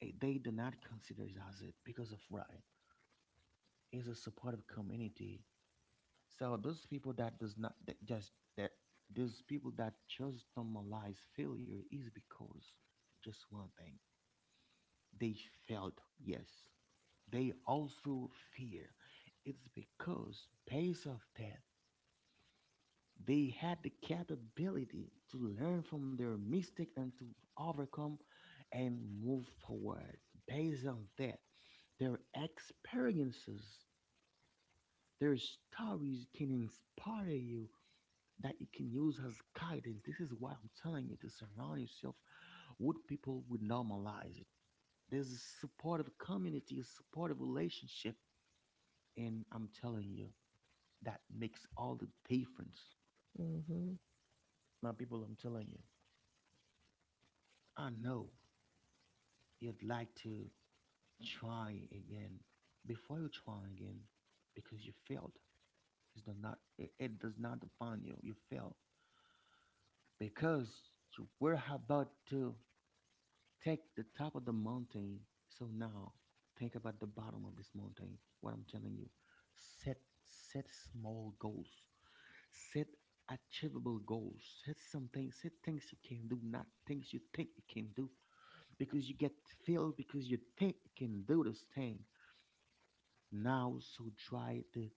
S1: they do not consider it as it because of right is a supportive community. So those people that does not that just that, those people that just normalize failure is because just one thing, they failed. Yes, they also fear. It's because based of that they had the capability to learn from their mistake and to overcome and move forward. Based on that, their experiences, their stories can inspire you that you can use as guidance. This is why I'm telling you to surround yourself with people who normalize it. There's a supportive community, a supportive relationship, and I'm telling you that makes all the difference.
S2: Hmm.
S1: Now, people, I'm telling you, I know you'd like to try again. Before you try again, because you failed, it does not define you. You failed because you were about to take the top of the mountain. So now think about the bottom of this mountain. What I'm telling you, set set small goals, set achievable goals, set something, set things you can do, not things you think you can do, because you get filled because you think you can do this thing. Now, so try to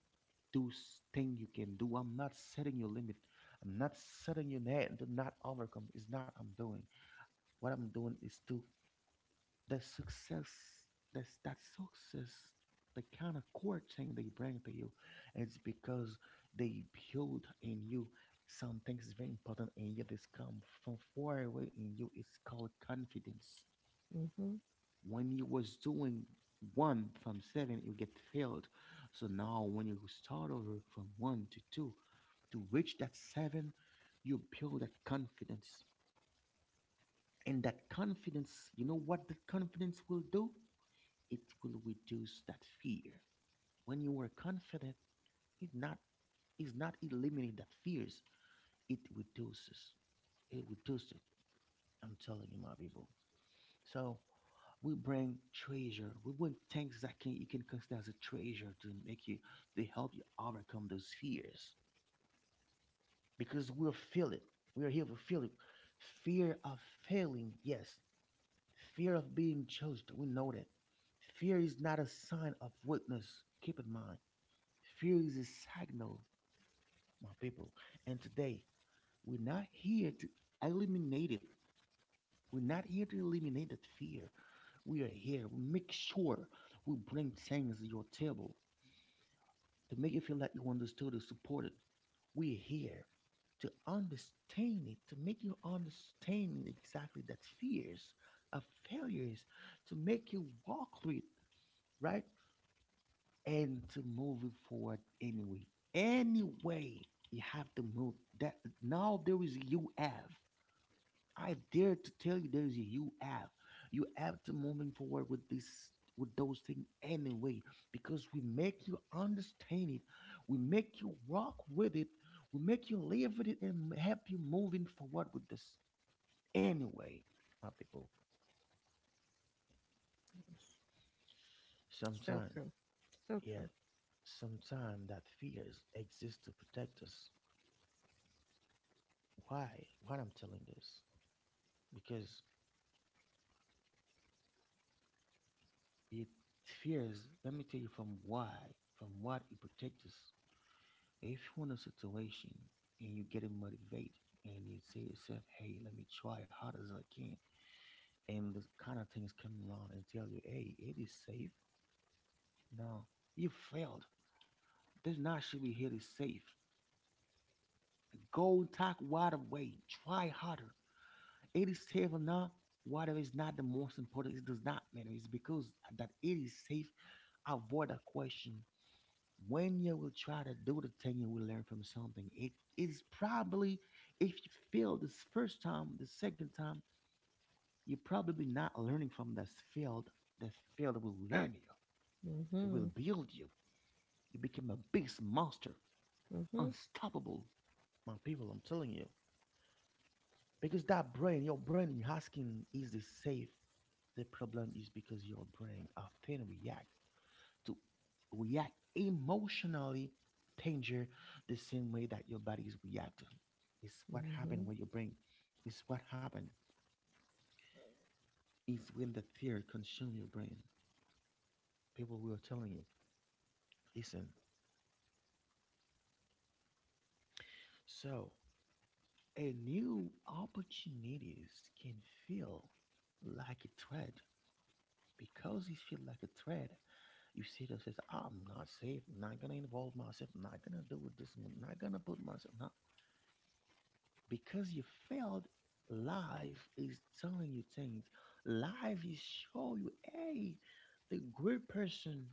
S1: do thing you can do. I'm not setting your limit. I'm not setting you net to not overcome. It's not I'm doing. What I'm doing is to the success, that success, the kind of core thing they bring to you, it's because they build in you some things very important in you. This come from far away in you. It's called confidence.
S2: Hmm.
S1: When you was doing one from seven you get failed, so now when you start over from one to two to reach that seven you build that confidence. And that confidence, you know what that confidence will do? It will reduce that fear. When you are confident, it not is not eliminate that fears. It reduces. It reduces it. I'm telling you, my people. So we bring treasure. We bring things that can, you can consider as a treasure, to make you, to help you overcome those fears. Because we'll feel it. We are here to feel it. Fear of failing, yes. Fear of being judged. We know that. Fear is not a sign of weakness. Keep in mind. Fear is a signal, my people. And today, we're not here to eliminate it. We're not here to eliminate that fear. We are here. We make sure we bring things to your table to make you feel like you understood and supported. We're here to understand it, to make you understand exactly that fears are failures, to make you walk through it, right? And to move it forward anyway. Anyway, you have to move that. Now there is a U F. I dare to tell you there is a U F. You have to moving forward with this, with those things anyway, because we make you understand it, we make you walk with it, we make you live with it and help you moving forward with this anyway, my people.
S2: Yes. So
S1: Sometimes,
S2: true. So
S1: yeah,
S2: true.
S1: sometimes that fears exist to protect us. Why? I'm telling this because it fears, let me tell you from why, from what it protects us. If you're in a situation and you get motivated and you say to yourself, hey, let me try hard as I can, and this kind of things come around and tell you, hey, it is safe. No, you failed. This not should be here is safe. Go talk wide away. Try harder. It is safe or not, whatever is not the most important. It does not matter. It's because that it is safe avoid a question. When you will try to do the thing, you will learn from something. It is probably, if you fail this first time, the second time, you're probably not learning from that field. That field will learn you, it will
S2: Hmm.
S1: build you. You become a big monster,
S2: Hmm.
S1: unstoppable. My people, I'm telling you. Because that brain, your brain asking, is this safe? The problem is because your brain often react to, react emotionally danger the same way that your body is reacting. It's what happened
S2: Hmm.
S1: with your brain. It's what happened is when the fear consume your brain. People will telling you, listen. So a new opportunities can feel like a threat because you feel like a threat. You see yourself says, I'm not safe. I'm not gonna involve myself. I'm not gonna do with this. I'm not gonna put myself. Not because you failed. Life is telling you things. Life is showing you, hey, the great person,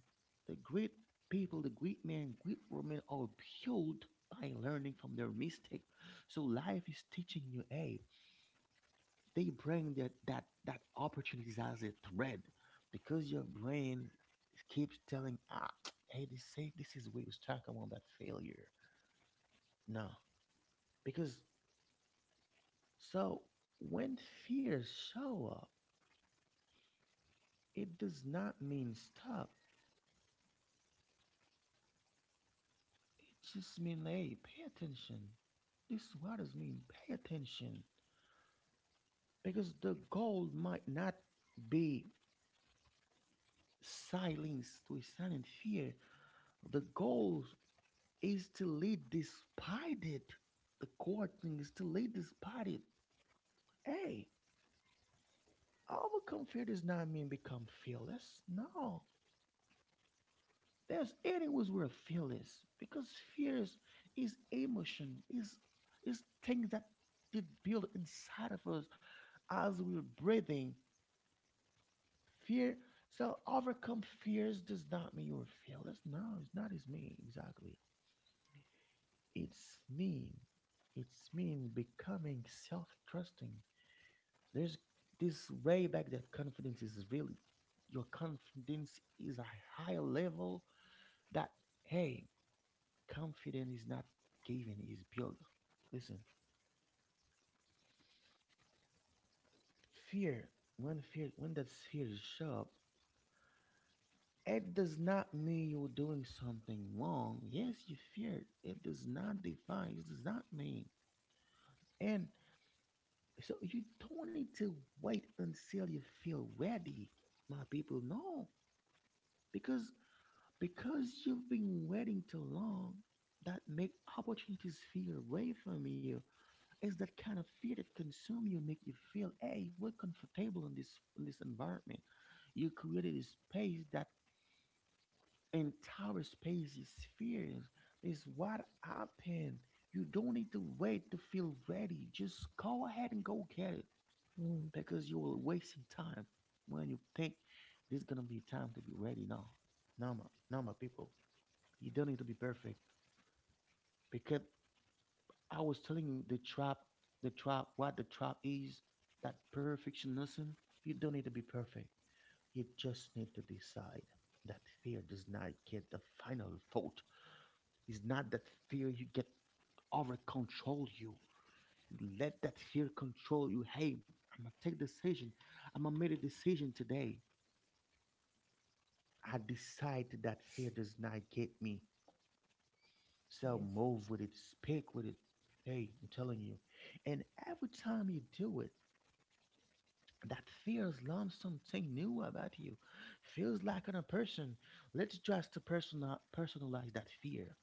S1: the great people, the great men, great women are built by learning from their mistake. So life is teaching you, hey, they bring that opportunities as a thread because your brain keeps telling, ah, hey, this safe, this is where you stuck around that failure. No, because, so when fears show up, it does not mean stop. It just means, hey, pay attention. This is what does mean, pay attention. Because the goal might not be silence to a silent fear. The goal is to lead despite it. The core thing is to lead despite it. Hey, overcome fear does not mean become fearless. No. There's anyways we're fearless because fears is emotion, is things that did build inside of us as we're breathing. Fear. So overcome fears does not mean you're fearless. No, it's not. It's me exactly. It's mean. It's mean becoming self-trusting. There's this way back that confidence is really your confidence is a higher level that hey confidence is not given is built. Listen, fear, when fear, when that fear is sharp, it does not mean you're doing something wrong. Yes, you fear. It does not define, it does not mean, and so you don't need to wait until you feel ready, my people. No, because, because you've been waiting too long, that make opportunities feel away from you. It's that kind of fear that consume you, make you feel, hey, we're comfortable in this environment. You created a space that entire space is fears. This what happened. You don't need to wait to feel ready. Just go ahead and go get it,
S2: Mm.
S1: because you will wasting time when you think there's gonna be time to be ready now. No, my, no, my people, you don't need to be perfect, because I was telling you the trap, what the trap is, that perfectionism. You don't need to be perfect. You just need to decide that fear does not get the final thought. It's not that fear you get over control you. You let that fear control you. Hey, I'm gonna take decision. I'm gonna make a decision today. I decide that fear does not get me. So
S2: Yes.
S1: move with it, speak with it. Hey, I'm telling you. And every time you do it, that feels learn something new about you. Feels like on a person. Let's just to personal, personalize that fear.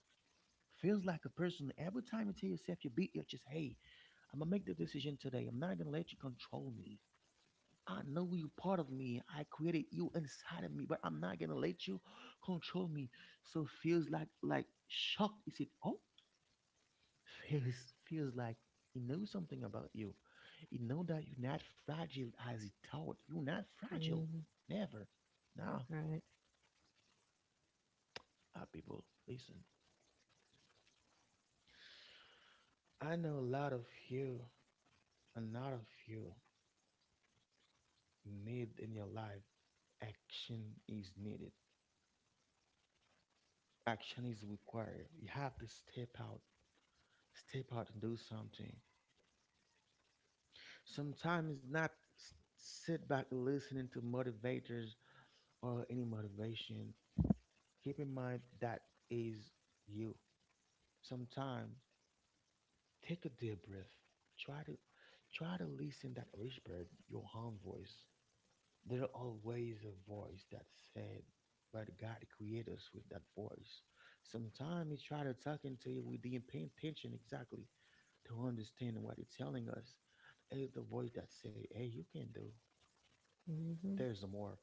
S1: Feels like a person. Every time you tell yourself, you beat your chest, hey, I'm gonna make the decision today. I'm not gonna let you control me. I know you part of me. I created you inside of me, but I'm not gonna let you control me. So feels like shocked. Is it, oh, feels like he knows something about you. He know that you're not fragile as he thought. You're not fragile.
S2: Mm.
S1: Never. Now,
S2: Right.
S1: nah, people, listen. I know a lot of you, a lot of you need in your life. Action is needed. Action is required. You have to step out and do something. Sometimes not sit back listening to motivators or any motivation. Keep in mind that is you. Sometime take a deep breath. Try to, try to listen that whispered your own voice. There are always a voice that said, but God created us with that voice. Sometimes He try to talk into you. We didn't pay attention exactly to understand what He's telling us. It's the voice that say, "Hey, you can do.
S2: Hmm.
S1: There's more.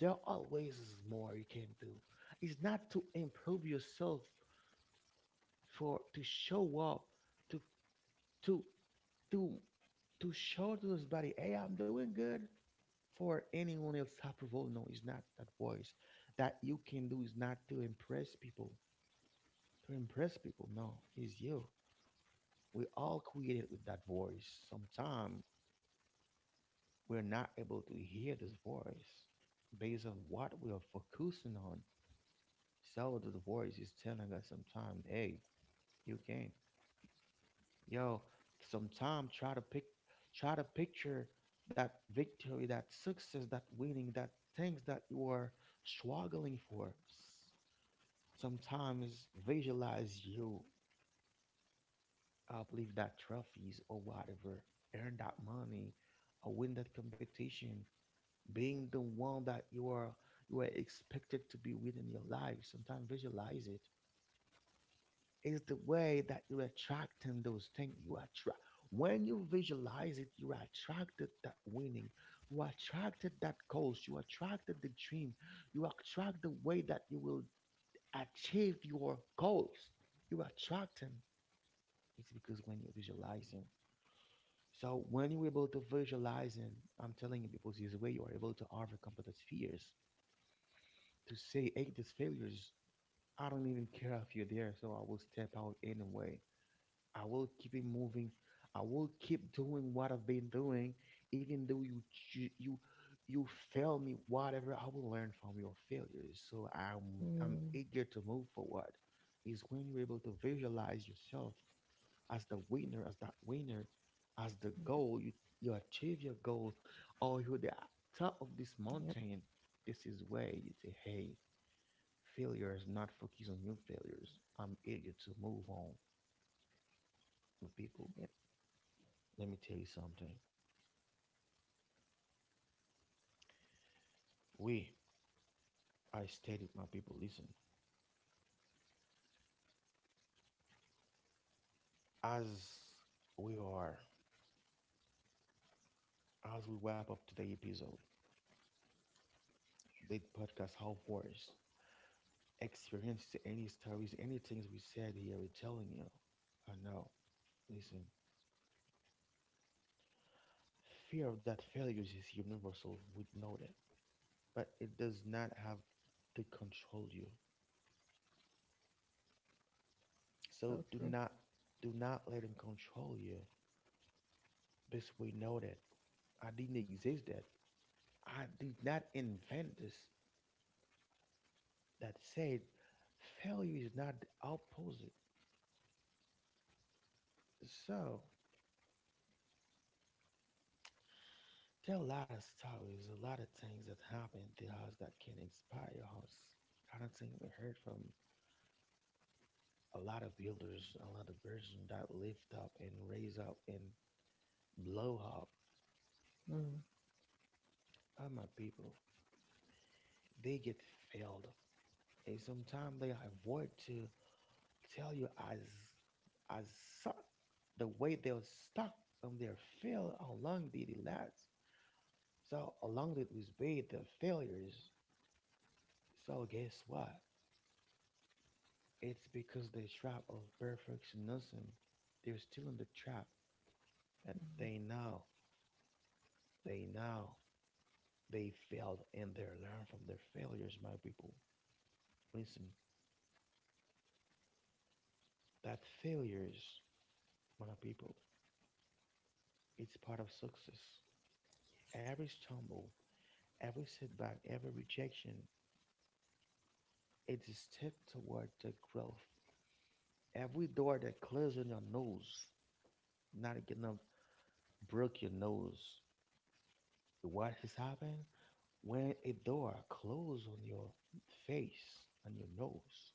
S1: There always is more you can do. It's not to improve yourself, for to show up to to to to show to this body, hey, I'm doing good for anyone else approval. No, it's not that voice. That you can do is not to impress people. To impress people, no, it's you. We all created with that voice. Sometimes we're not able to hear this voice based on what we are focusing on. So the voice is telling us sometimes, hey, you can. Yo, sometime try to pick, try to picture that victory, that success, that winning, that things that you are struggling for. Sometimes visualize you uplift that trophies or whatever, earn that money, or win that competition, being the one that you are, you are expected to be within your life. Sometimes visualize it. Is the way that you're attracting those things. You attract when you visualize it. You're attracted that winning, you are attracted that goals, you attracted the dream, you attract the way that you will achieve your goals, you attracting, it's because when you're visualizing. So when you're able to visualize him, I'm telling you people, this way you are able to overcome those fears. To say, hey, these failures, I don't even care if you're there, so I will step out anyway. I will keep it moving. I will keep doing what I've been doing, even though you you fail me. Whatever, I will learn from your failures. So I'm
S2: Mm.
S1: eager to move forward. Is when you're able to visualize yourself as the winner, as that winner, as the goal. You achieve your goal, or you're the top of this
S2: Yep.
S1: mountain. This is where you say, "Hey, failures, not focus on your failures. I'm eager to move on, my people."
S2: Yep.
S1: Let me tell you something. We, I stated, my people, listen. As we are, as we wrap up today's episode, the podcast How Forest experiences any stories, any things we said here, we're telling you. I know. Listen, fear of that failure is universal. We know that, but it does not have to control you. So
S2: So true.
S1: do not let him control you. Because we know that I didn't exist. That I did not invent this, that said failure is not the opposite. So there are a lot of stories, a lot of things that happen to us that can inspire us. I don't think we heard from a lot of builders, a lot of person that lift up and raise up and blow up.
S2: Mm.
S1: Oh my people, they get failed. And sometimes they avoid to tell you as suck the way they're stuck on their fail, how long did it last. So along that with be the failures. So guess what? It's because the trap of perfectionism. They're still in the trap, but
S2: Mm.
S1: they know, they know they failed and they learn from their failures, my people. Listen, that failures, my people, it's part of success. Every stumble, every setback, every rejection, it's a step toward the growth. Every door that closes on your nose, not getting up broke your nose. What has happened? When a door closes on your face and your nose,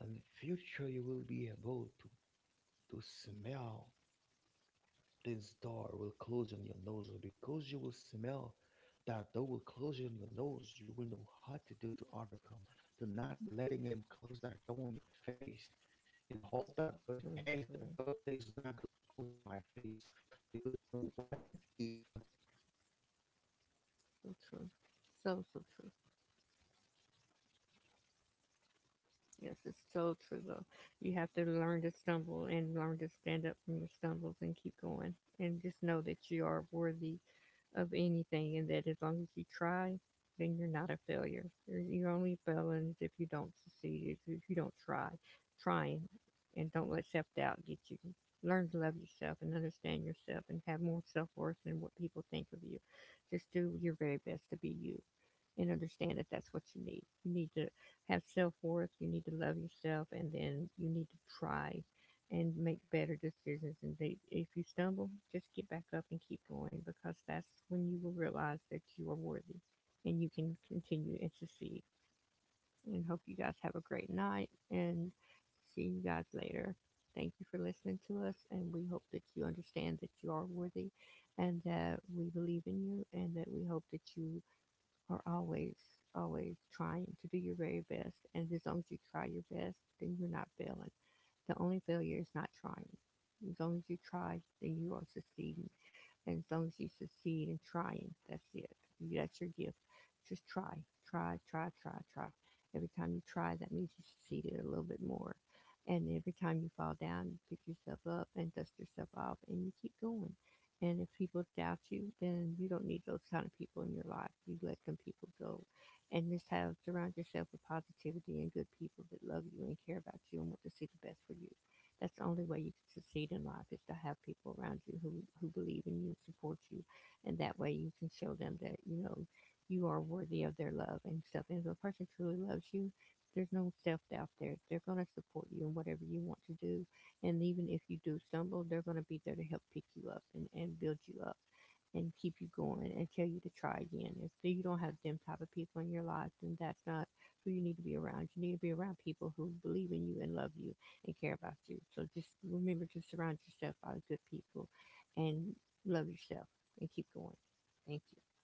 S1: in the future you will be able to smell. This door will close on your nose because you will smell. That door will close on your nose. You will know what to do to overcome. Do not letting him close that door on your face. And hold that door and say,
S2: So
S1: hey, that
S2: true.
S1: door today is not going to close my face, because I know what I did for the closure of the door. But
S2: So
S1: now
S2: true.
S1: I can
S2: So so
S1: overcome.
S2: true.
S1: I'm not going to let your door close on my face and my nose,
S2: Yes, it's
S1: because you
S2: so
S1: have
S2: true though.
S1: learned from
S2: You have
S1: this,
S2: to
S1: my
S2: learn to
S1: people.
S2: stumble and learn to stand up from your stumbles and keep going. And
S1: So
S2: just know
S1: here
S2: that you are
S1: is the
S2: worthy
S1: thing.
S2: of anything
S1: We're
S2: and
S1: going to
S2: that as
S1: leave the
S2: long as you
S1: things for you.
S2: try, then you're
S1: We're
S2: not a
S1: going to leave you with
S2: failure.
S1: things, my
S2: You're
S1: people.
S2: only
S1: Listen,
S2: failing if you don't succeed, if you don't try. Trying,
S1: even
S2: and
S1: now,
S2: don't let self doubt
S1: today,
S2: get you.
S1: at this
S2: Learn
S1: hour,
S2: to
S1: at
S2: love
S1: this
S2: yourself and
S1: second,
S2: understand
S1: and
S2: yourself
S1: even
S2: and
S1: though
S2: have
S1: this
S2: more
S1: week.
S2: self worth than what people think of you.
S1: So
S2: Just do your very best to be
S1: just
S2: you
S1: take one
S2: and
S1: bold
S2: understand
S1: step
S2: that that's what
S1: despite
S2: you
S1: of
S2: need.
S1: your
S2: You
S1: fear.
S2: need to have self worth, you need to love yourself, and then
S1: If
S2: you
S1: you
S2: need to
S1: get
S2: try
S1: rejected by,
S2: and make better
S1: by a
S2: decisions.
S1: company
S2: And
S1: that you
S2: they, if
S1: apply
S2: you
S1: for,
S2: stumble, just
S1: do
S2: get back
S1: another,
S2: up and keep
S1: do
S2: going
S1: another
S2: because
S1: application
S2: that's when you will
S1: for another
S2: realize
S1: job.
S2: that you are worthy and you can continue and succeed.
S1: Stop
S2: And hope you guys have a great night and see you guys later. Thank you for listening to us, and we hope that you understand that you are worthy and that we believe in you and that we hope that you are always, always trying to do your very best. And as long as you try your best, then you're not failing. The only failure is not trying. As long as you try, then you are succeeding. And as long as you succeed in trying, that's it. That's your gift. Just try, try, try, try, try. Every time you try, that means you succeeded a little bit more. And every time you fall down, you pick yourself up and dust yourself off, and you keep going. And if people doubt you, then you don't need those kind of people in your life. You let them people go. And just have surround yourself with positivity and good people that love you and care about you and want to see the best for you. That's the only way you can succeed in life is to have people around you who believe in you, support you, and that way you can show them that, you know, you are worthy of their love and stuff. And if a person truly loves you, there's no self doubt there. They're gonna support you in whatever you want to do, and even if you do stumble, they're going to be there to help pick you up and build you up and keep you going and tell you to try again. If you don't have them type of people in your life, then that's not who you need to be around. You need to be around people who believe in you and love you and care about you. So just remember to surround yourself by good people and love yourself and keep going. Thank you.